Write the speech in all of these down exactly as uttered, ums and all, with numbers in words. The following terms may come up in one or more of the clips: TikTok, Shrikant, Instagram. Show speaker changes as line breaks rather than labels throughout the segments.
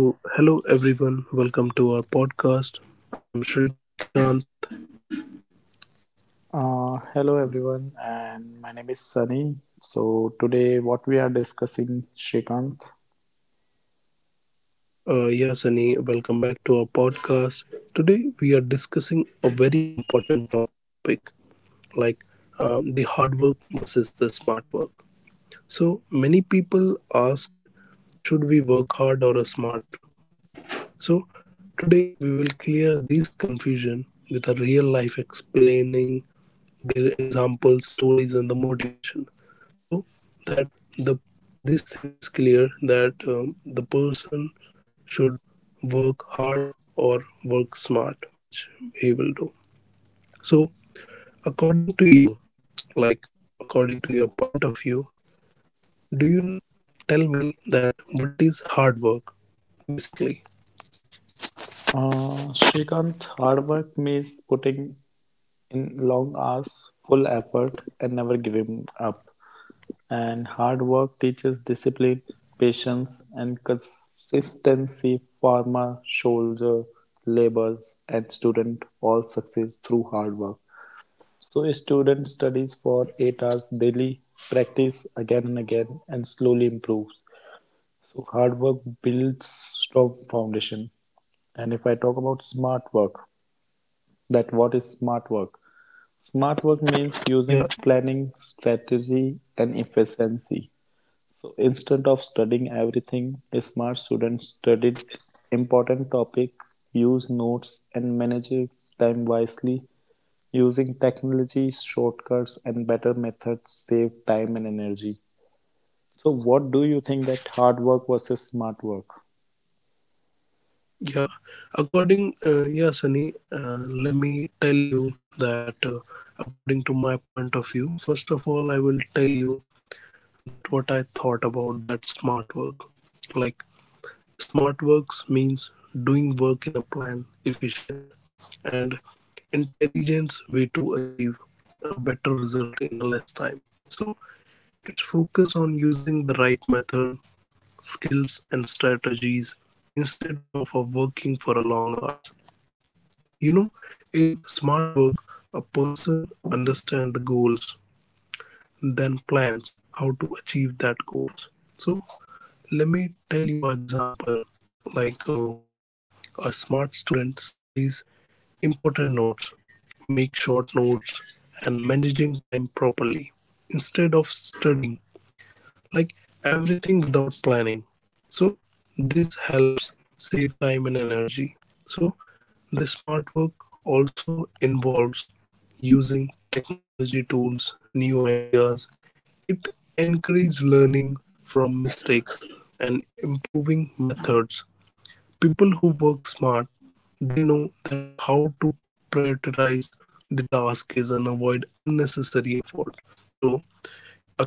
So, hello everyone, welcome to our podcast. I'm Shrikant.
Uh, hello everyone, and my name is Sunny. So today, what we are discussing, Shrikant?
Uh, yeah, Sunny, welcome back to our podcast. Today, we are discussing a very important topic like um, the hard work versus the smart work. So, many people ask, should we work hard or a smart? So, today we will clear this confusion with a real life explaining their examples, stories, and the motivation so that the this thing is clear that um, the person should work hard or work smart, which he will do. So according to you, like according to your point of view, do you tell me that what is hard work basically?
Uh, Shrikant, hard work means putting in long hours, full effort, and never giving up. And hard work teaches discipline, patience, and consistency. Farmer, soldier, laborers, and student all succeed through hard work. So a student studies for eight hours daily, practice again and again, and slowly improves. So hard work builds strong foundation. And if I talk about smart work, that what is smart work? Smart work means
Yeah.
using planning, strategy, and efficiency. So instead of studying everything, a smart student studied important topic, use notes, and manages time wisely. Using technology, shortcuts, and better methods save time and energy. So, what do you think that hard work versus smart work?
Yeah, according, uh, yeah, Sunny, uh, let me tell you that uh, according to my point of view, first of all, I will tell you that what I thought about that smart work. Like, smart works means doing work in a plan, efficient, and intelligent way to achieve a better result in a less time. So, it's focus on using the right method, skills, and strategies instead of uh, working for a long hours, you know, in smart work, a person understands the goals, then plans how to achieve that goals. So let me tell you an example. Like uh, a smart student studies important notes, make short notes, and managing time properly. Instead of studying like everything without planning. So this helps save time and energy. So the smart work also involves using technology tools, new ideas. It encourages learning from mistakes and improving methods. People who work smart, they know that how to prioritize the task is and avoid unnecessary effort. So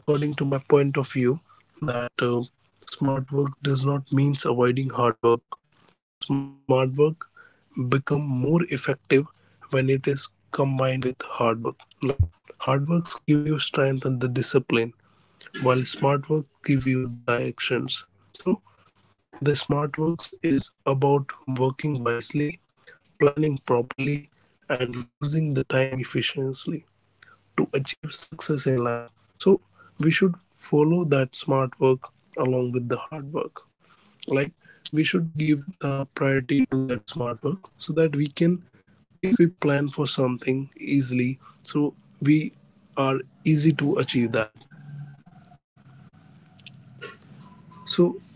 according to my point of view that uh, smart work does not means avoiding hard work. Smart work become more effective when it is combined with hard work. Like hard works give you strength and the discipline, while smart work give you the directions. So the smart works is about working wisely, planning properly, and using the time efficiently to achieve success in life. So we should follow that smart work along with the hard work. Like we should give the priority to that smart work so that we can, if we plan for something easily, so we are easy to achieve that. So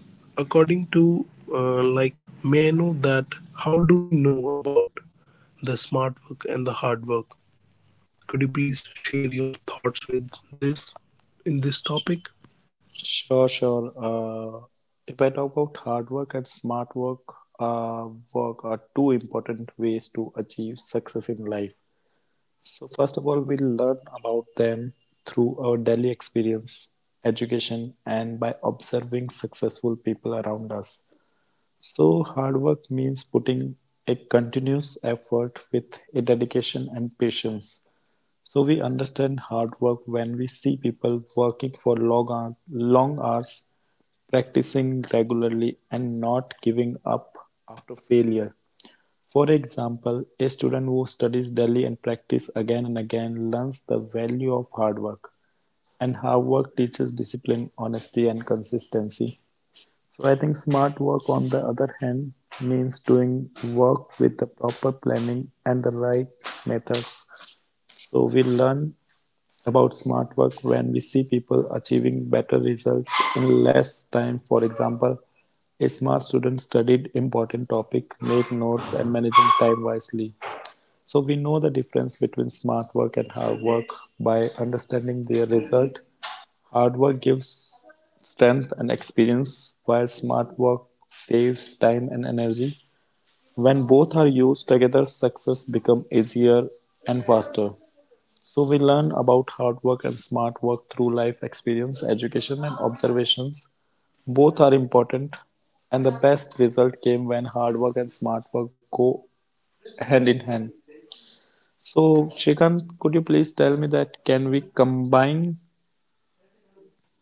according to, uh, like, may I know that how do we know about the smart work and the hard work? Could you please share your thoughts with this, in this topic?
Sure, sure. Uh, if I talk about hard work and smart work, uh, work are two important ways to achieve success in life. So, first of all, we learn about them through our daily experience, education, and by observing successful people around us. So hard work means putting a continuous effort with a dedication and patience. So we understand hard work when we see people working for long, hour, long hours, practicing regularly and not giving up after failure. For example, a student who studies daily and practices again and again learns the value of hard work, and hard work teaches discipline, honesty and consistency. So I think smart work, on the other hand, means doing work with the proper planning and the right methods. So we learn about smart work when we see people achieving better results in less time. For example, a smart student studied important topic, made notes and managing time wisely. So we know the difference between smart work and hard work by understanding their result. Hard work gives strength and experience, while smart work saves time and energy. When both are used together, success becomes easier and faster. So we learn about hard work and smart work through life experience, education and observations. Both are important, and the best result came when hard work and smart work go hand in hand. So Shrikant, could you please tell me that can we combine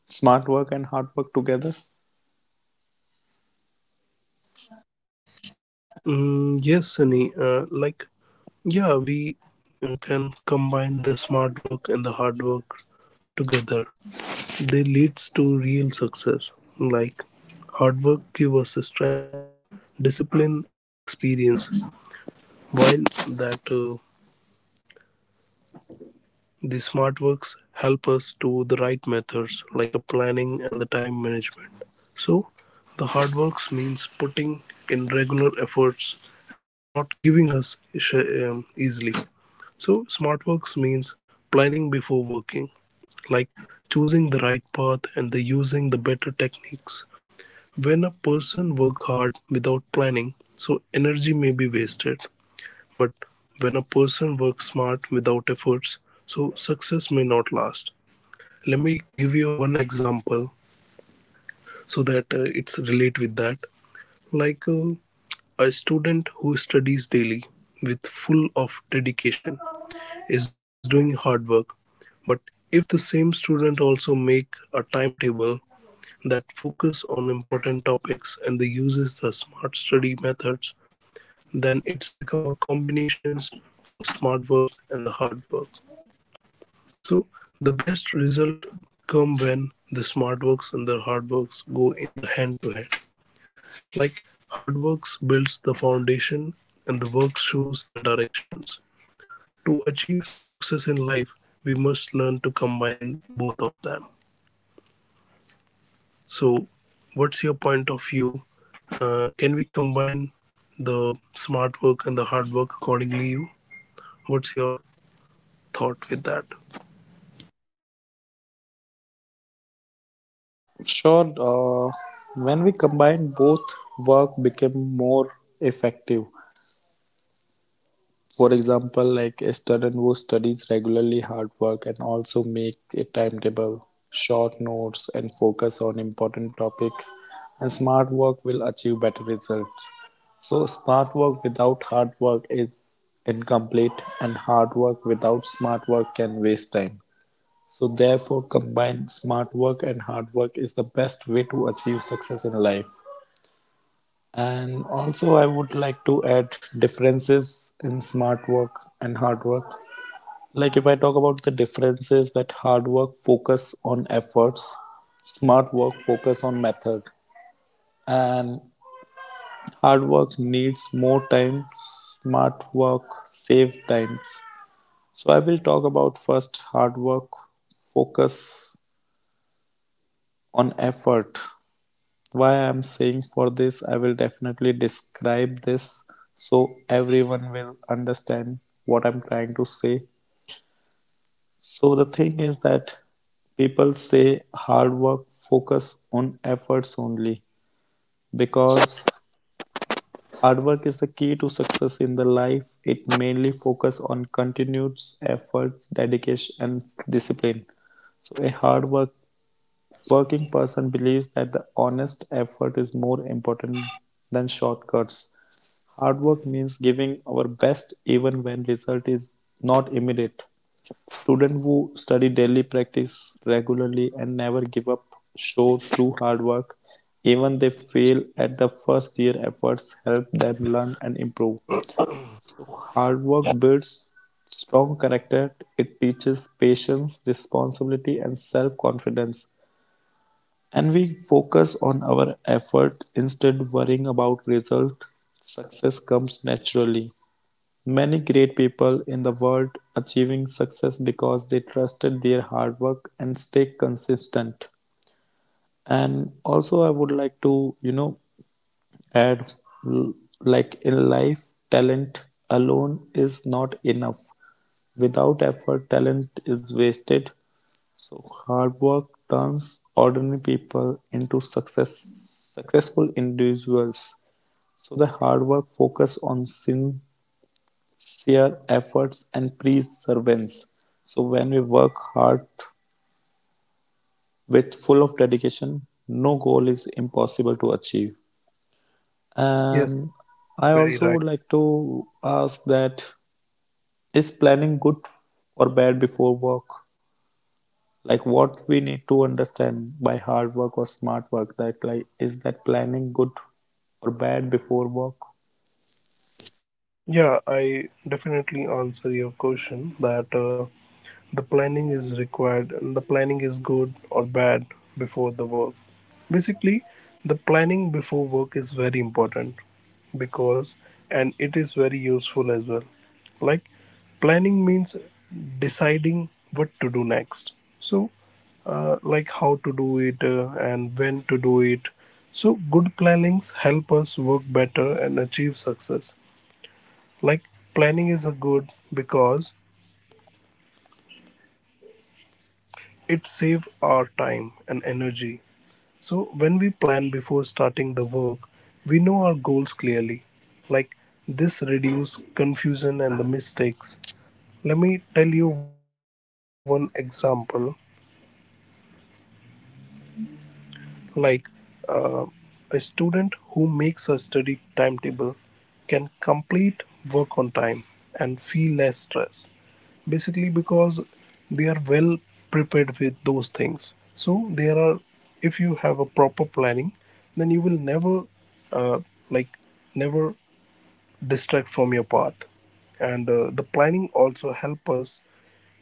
smart work and hard work together?
Mm, yes, Sunny. Uh, like, yeah, we uh, can combine the smart work and the hard work together. They leads to real success. Like, hard work give us the strength, discipline, and the experience. While that uh, the SmartWorks help us do the right methods like a planning and the time management. So the hard works means putting in regular efforts and not giving us um, easily. So SmartWorks means planning before working, like choosing the right path and the using the better techniques. When a person work hard without planning, so energy may be wasted. But when a person works smart without efforts, so success may not last. Let me give you one example so that uh, it's relate with that. Like uh, a student who studies daily with full of dedication is doing hard work, but if the same student also make a timetable that focus on important topics and they uses the smart study methods, then it's become a combinations of smart work and the hard work. So the best result come when the smart works and the hard works go in the hand to hand. Like hard works builds the foundation and the work shows the directions. To achieve success in life, we must learn to combine both of them. So what's your point of view? Uh, can we combine the smart work and the hard work accordingly you? What's your thought with that?
Sure, uh, when we combine both, work became more effective. For example, like a student who studies regularly, hard work, and also make a timetable, short notes, and focus on important topics, and smart work will achieve better results. So, smart work without hard work is incomplete, and hard work without smart work can waste time. So therefore, combine smart work and hard work is the best way to achieve success in life. And also, I would like to add differences in smart work and hard work. Like, if I talk about the differences, that hard work focus on efforts, smart work focus on method, and hard work needs more time, smart work save times. So, I will talk about first hard work focus on effort. Why I'm saying for this, I will definitely describe this so everyone will understand what I'm trying to say. So, the thing is that people say hard work focus on efforts only because hard work is the key to success in the life. It mainly focus on continued efforts, dedication and discipline. So a hard work working person believes that the honest effort is more important than shortcuts. Hard work means giving our best even when result is not immediate. Students who study daily, practice regularly, and never give up show true hard work. Even they fail at the first year, efforts help them learn and improve. Hard work builds strong character. It teaches patience, responsibility, and self confidence. And we focus on our effort instead worrying about result. Success comes naturally. Many great people in the world achieving success because they trusted their hard work and stay consistent. And also I would like to, you know, and like in life, talent alone is not enough. Without effort, talent is wasted. So hard work turns ordinary people into success successful individuals. So the hard work focus on sincere efforts and perseverance. So when we work hard with full of dedication, no goal is impossible to achieve.
Yes,
And I
very
also
right.
would like to ask that is planning good or bad before work? Like what we need to understand by hard work or smart work, that like is that planning good or bad before work?
Yeah, I definitely answer your question that uh, the planning is required and the planning is good or bad before the work. Basically, the planning before work is very important because and it is very useful as well. Like planning means deciding what to do next. So, uh, like how to do it uh, and when to do it. So, good plannings help us work better and achieve success. Like planning is a good because it saves our time and energy. So when we plan before starting the work, we know our goals clearly. Like this reduce confusion and the mistakes. Let me tell you one example. Like uh, a student who makes a study timetable can complete work on time and feel less stress. Basically because they are well prepared with those things. So there are, if you have a proper planning, then you will never, uh, like never distract from your path. And uh, the planning also help us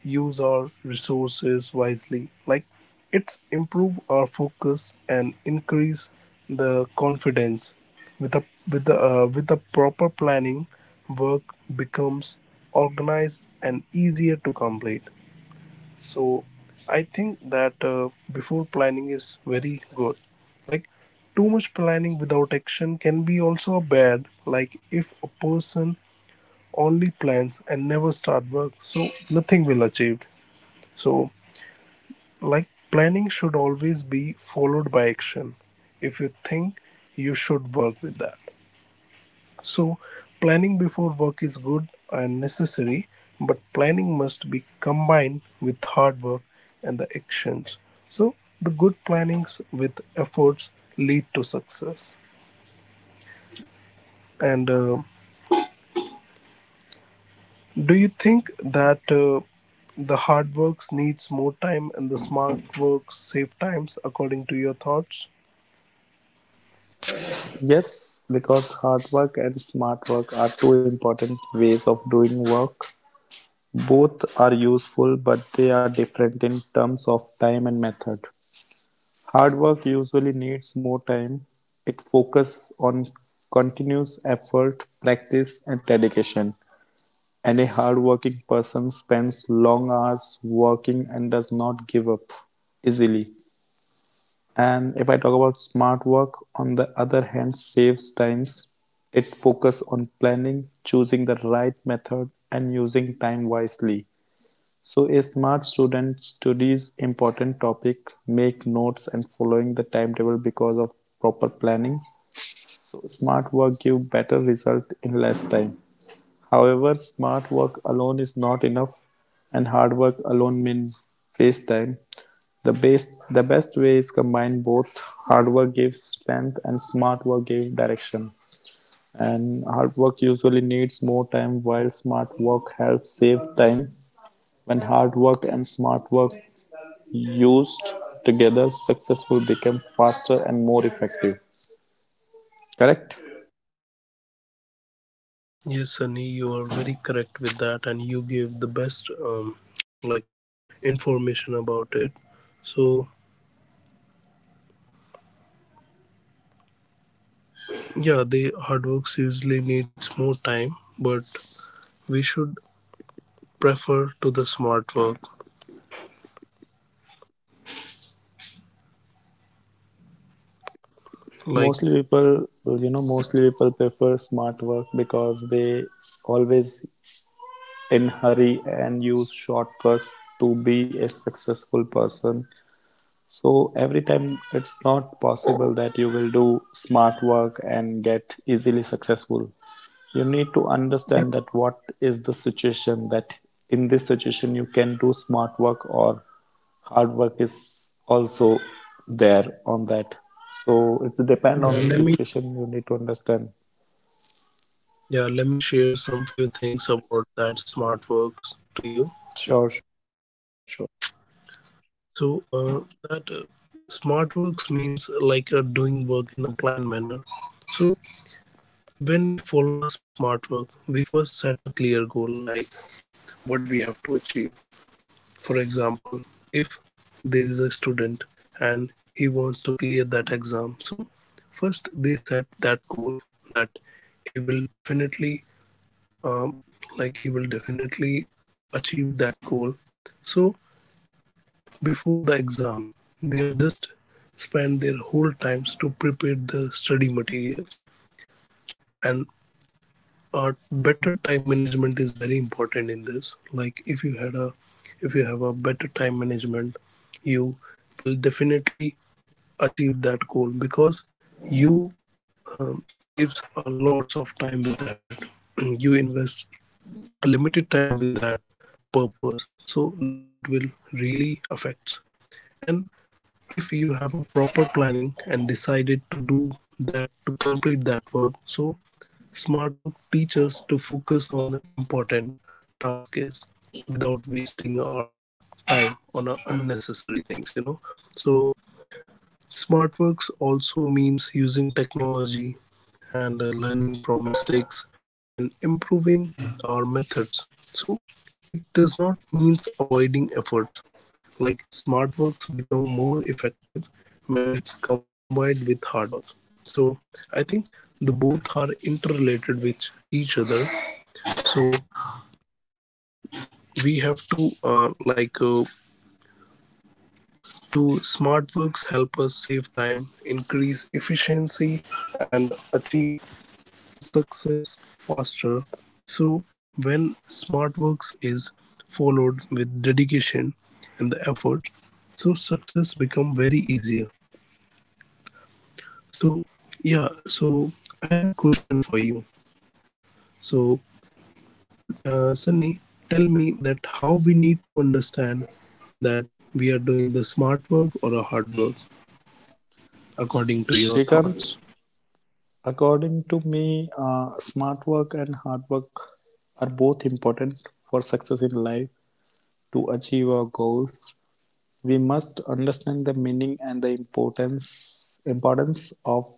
use our resources wisely. Like it's improve our focus and increase the confidence. With a with the uh, with the proper planning, work becomes organized and easier to complete. So I think that uh, before planning is very good. Like too much planning without action can be also bad. Like if a person only plans and never start work, so nothing will achieved. So like planning should always be followed by action. If you think, you should work with that. So, planning before work is good and necessary, but planning must be combined with hard work and the actions. So, the good plannings with efforts lead to success. And uh, do you think that uh, the hard works needs more time and the smart works save times according to your thoughts?
Yes, because hard work and smart work are two important ways of doing work. Both are useful but they are different in terms of time and method. Hard work usually needs more time. It focuses on continuous effort, practice, and dedication. And a hardworking person spends long hours working and does not give up easily. And if I talk about smart work, on the other hand, saves times. It focuses on planning, choosing the right method, and using time wisely. So a smart student studies important topic, make notes and following the timetable because of proper planning. So smart work give better result in less time. However, smart work alone is not enough, and hard work alone mean face time. The best the best way is combine both. Hard work gives strength and smart work gives direction. And hard work usually needs more time while smart work helps save time. When hard work and smart work used together, success will become faster and more effective. Correct?
Yes, Sunny, you are very correct with that, and you gave the best um, like uh, information about it. So yeah, the hard works usually needs more time, but we should prefer to the smart work.
But
Like
mostly people, you know, mostly people prefer smart work because they always in hurry and use shortcuts to be a successful person. So every time it's not possible that you will do smart work and get easily successful. You need to
yeah,
understand that what is the situation, that in this situation you can do smart work or hard work is also there on that. So it's depend
yeah
on the
let me
situation. You need to understand.
yeah let me share some few things about that smart works to you.
Sure sure sure
So uh, that uh, smart works means like uh, doing work in a planned manner. So when we follow a smart work, we first set a clear goal like what we have to achieve. For example, if there is a student and he wants to clear that exam, so first they set that goal that he will definitely, um, like he will definitely achieve that goal. So before the exam, they are just spend their whole times to prepare the study materials. And uh, better time management is very important in this. Like if you had a if you have a better time management, you will definitely achieve that goal because you, um, saves a lots of time with that. You invest a limited time with that purpose, so that will really affect. And if you have a proper planning and decided to do that to complete that work, so smart work teaches to focus on important tasks without wasting our time on uh, unnecessary things, you know. So, smart works also means using technology and uh, learning from mistakes and improving our methods. So it does not mean avoiding efforts. Like smart works become more effective when it's combined with hard work. So I think the both are interrelated with each other. So we have to uh, like uh, to smart works help us save time, increase efficiency, and achieve success faster. So, when smart SmartWorks is followed with dedication and the effort, so success become very easier. So, yeah. So, I have a question for you. So, uh, Sunny, tell me that how we need to understand that we are doing the smart work or a hard work according to your
Shrikant,
thoughts.
according to me, uh, smart work and hard work are both important for success in life. To achieve our goals, we must understand the meaning and the importance importance of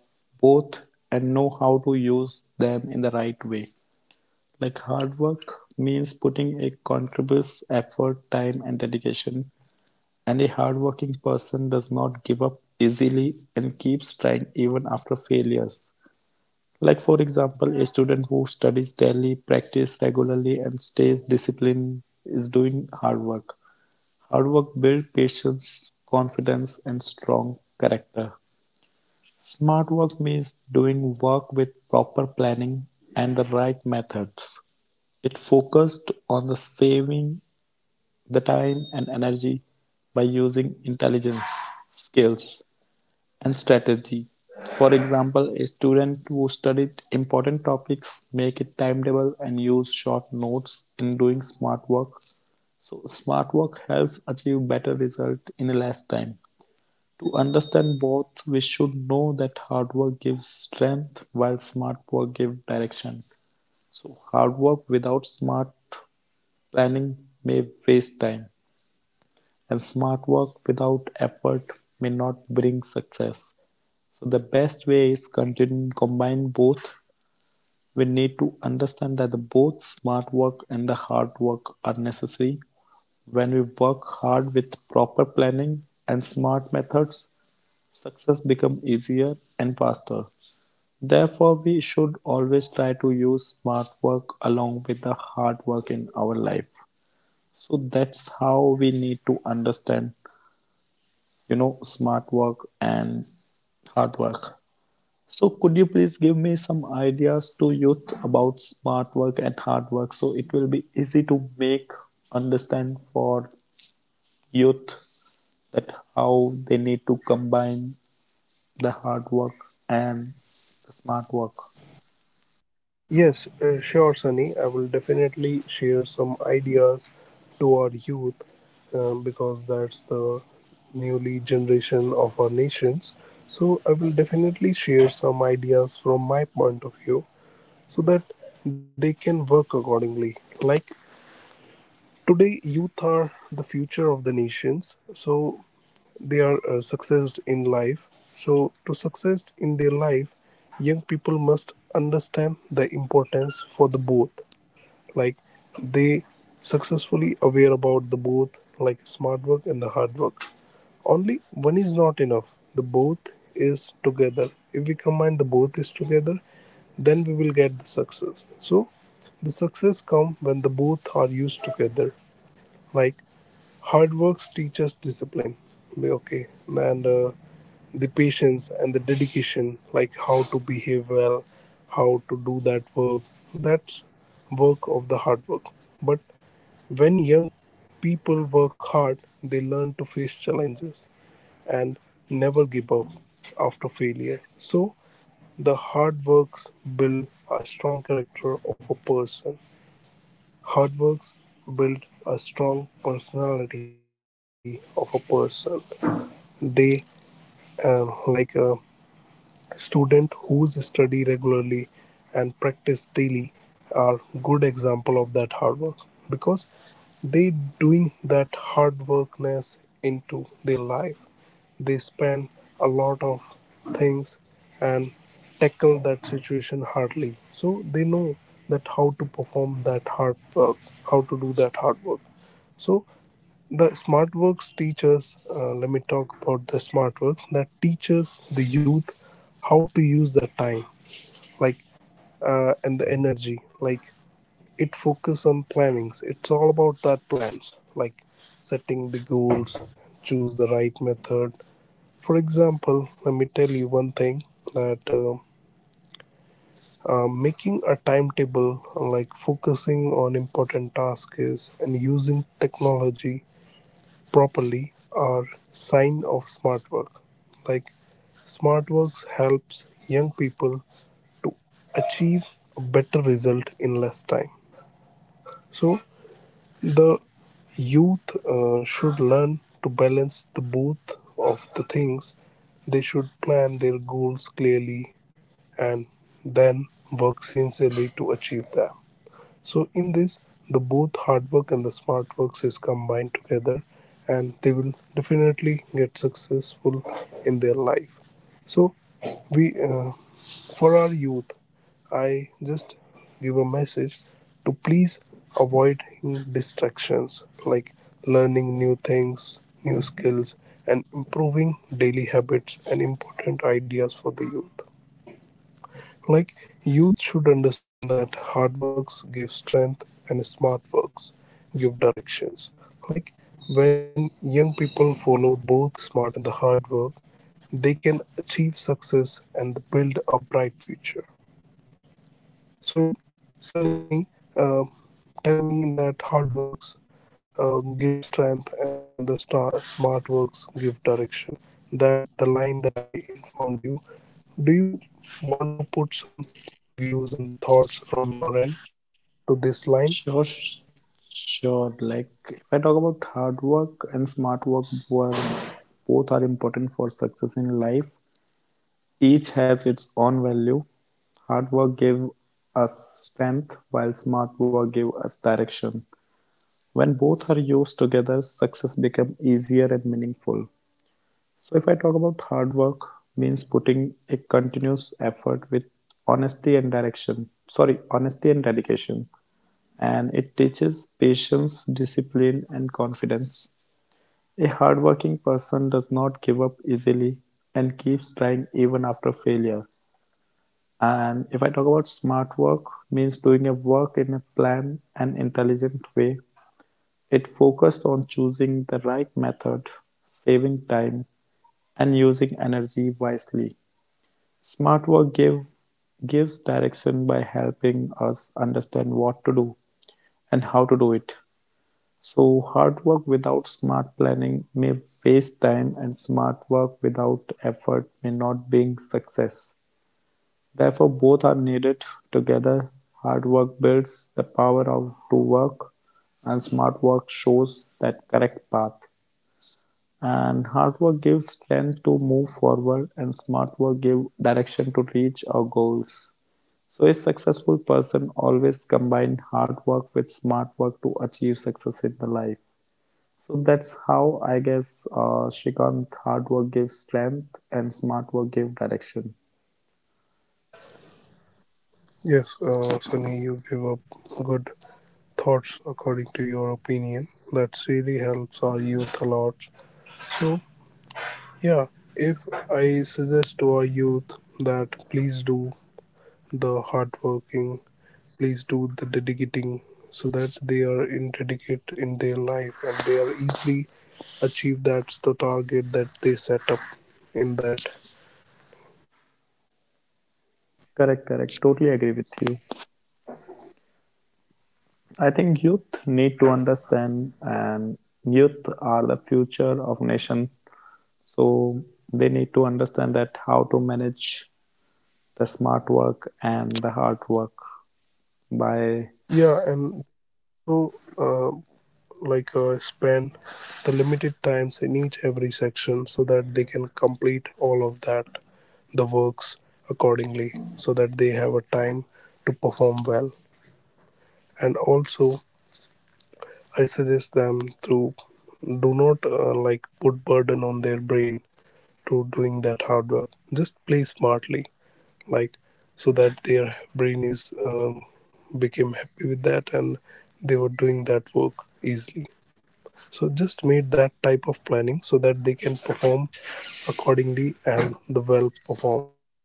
both and know how to use them in the right way. Like hard work means putting a continuous effort, time and dedication. And a hardworking person does not give up easily and keeps trying even after failures. Like, for example, a student who studies daily, practices regularly, and stays disciplined is doing hard work. Hard work builds patience, confidence, and strong character. Smart work means doing work with proper planning and the right methods. It focused on the saving the time and energy by using intelligence, skills and strategy. For example, a student who studied important topics, make a timetable and use short notes, in doing smart work. So smart work helps achieve better result in less time. To understand both, we should know that hard work gives strength while smart work gives direction. So hard work without smart planning may waste time, and smart work without effort may not bring success. So the best way is continue combine both. We need to understand that the both smart work and the hard work are necessary. When we work hard with proper planning and smart methods, success become easier and faster. Therefore, we should always try to use smart work along with the hard work in our life. So that's how we need to understand, you know, smart work and hard work. So, could you please give me some ideas to youth about smart work and hard work so it will be easy to make understand for youth that how they need to combine the hard work and the smart work?
Yes, uh, sure, Sunny. I will definitely share some ideas to our youth um, because that's the newly generation of our nations. So I will definitely share some ideas from my point of view so that they can work accordingly. Like today, youth are the future of the nations. So they are uh, successed in life. So to success in their life, young people must understand the importance for the both. Like they successfully aware about the both, like smart work and the hard work. Only one is not enough, the both is together. If we combine the both is together, then we will get the success. So the success come when the both are used together. Like hard works teaches discipline, okay, and uh, the patience and the dedication, like how to behave well, how to do that work. That's work of the hard work. But when young people work hard, they learn to face challenges and never give up after failure. So, the hard works build a strong character of a person. Hard works build a strong personality of a person. They, uh, like uh, students who study regularly and practice daily are good example of that hard work because they doing that hard workness into their life. They spend a lot of things and tackle that situation hardly. So they know that how to perform that hard work, how to do that hard work. So the smartworks teachers uh, let me talk about the smartworks that teaches the youth how to use their time like uh, and the energy, like it focus on plannings. It's all about that plans, like setting the goals, choose the right method. For example, let me tell you one thing that uh, uh, making a timetable, like focusing on important tasks and using technology properly are sign of smart work. Like, smart works helps young people achieve a better result in less time. So the youth uh, should learn to balance the both of the things. They should plan their goals clearly and then work sincerely to achieve them. So in this, the both hard work and the smart works is combined together, and they will definitely get successful in their life. So we, uh, for our youth, I just give a message to please avoid distractions like learning new things, new skills, and improving daily habits and important ideas for the youth. Like, youth should understand that hard works give strength and smart works give directions. Like, when young people follow the both smart and the hard work, they can achieve success and build a bright future. So, Sunny, uh, tell me that hard works uh, give strength and the star- smart works give direction. That the line that I informed you, do you want to put some views and thoughts from your end to this line?
Sure, sh- sure. Like if I talk about hard work and smart work, were both are important for success in life. Each has its own value. Hard work gives us strength, while smart work gives us direction. When both are used together, success becomes easier and meaningful. So, if I talk about hard work, means putting a continuous effort with honesty and direction. Sorry, honesty and dedication. And it teaches patience, discipline, and confidence. A hardworking person does not give up easily and keeps trying even after failure. And if I talk about smart work, means doing a work in a planned and intelligent way. It focused on choosing the right method, saving time, and using energy wisely. Smart work give, gives direction by helping us understand what to do and how to do it. So, hard work without smart planning may waste time, and smart work without effort may not bring success. Therefore, both are needed together. Hard work builds the power of to work, and smart work shows that correct path. And hard work gives strength to move forward, and smart work gives direction to reach our goals. So, a successful person always combine hard work with smart work to achieve success in the life. So that's how I guess, uh, Shrikant, hard work gives strength and smart work gives direction.
Yes, uh, Sunny, you give up good thoughts according to your opinion. That really helps our youth a lot. So, yeah, if I suggest to our youth that please do the hard working, please do the dedicating so that they are in dedicate in their life and they are easily achieve that's the target that they set up in that.
Correct, correct. Totally agree with you. I think youth need to understand, and youth are the future of nations. So they need to understand that how to manage the smart work and the hard work. By
Yeah, and so uh, like uh, spend the limited times in each every section so that they can complete all of that the works accordingly so that they have a time to perform well. And also, I suggest them to do not uh, like put burden on their brain to doing that hard work. Just play smartly. Like, so that their brain is um, became happy with that and they were doing that work easily. So just made that type of planning so that they can perform accordingly and the well performer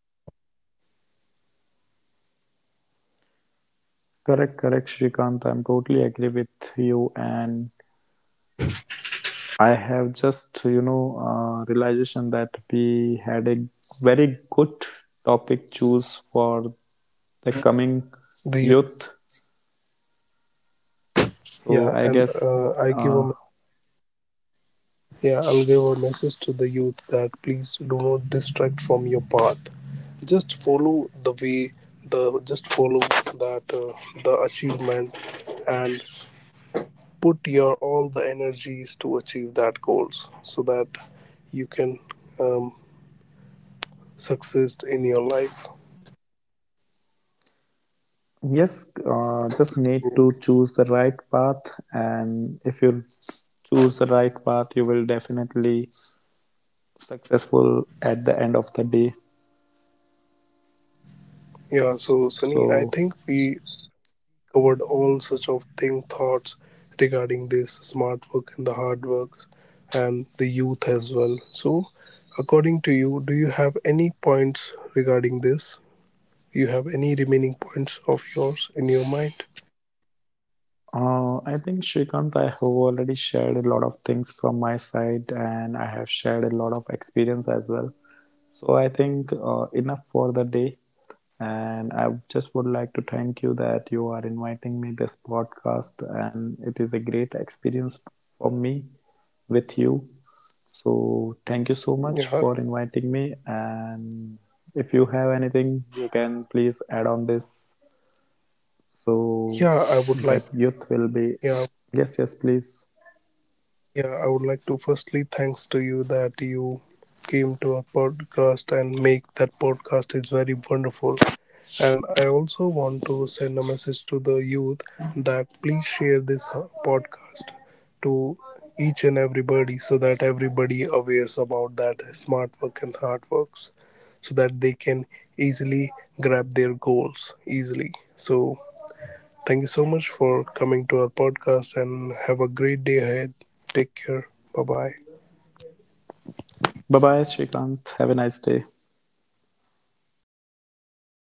correct, correct, Shrikant. I'm totally agree with you, and I have just you know uh, realization that we had a very good topic choose for the coming
the youth.
youth.
Yeah,
So
and
I
uh,
guess
I give a me-
uh,
yeah, I'll give a message to the youth that please do not distract from your path. Just follow the way, the just follow that uh, the achievement, and put your all the energies to achieve that goals so that you can um, success in your life.
yes, uh, just need to choose the right path, and if you choose the right path, you will definitely successful at the end of the day.
Yeah, so Sunny, I
So,
think we covered all such of thing thoughts regarding this smart work and the hard work and the youth as well. So according to you, do you have any points regarding this? You have any remaining points of yours in your mind?
uh, I think Shrikant, I have already shared a lot of things from my side, and I have shared a lot of experience as well. So I think uh, enough for the day. And I just would like to thank you that you are inviting me this podcast, and it is a great experience for me with you. So thank you so much
Yeah,
for inviting me. And if you have anything, you can please add on this, so
yeah, I would like.
that youth will be.
Yeah.
Yes, yes, please.
Yeah, I would like to firstly thanks to you that you came to our podcast and make that podcast is very wonderful. And I also want to send a message to the youth that please share this uh, podcast to each and everybody so that everybody awares about that smart work and hard works so that they can easily grab their goals easily. So thank you so much for coming to our podcast and have a great day ahead. Take care. Bye bye.
Bye bye, Shrikant. Have a nice day.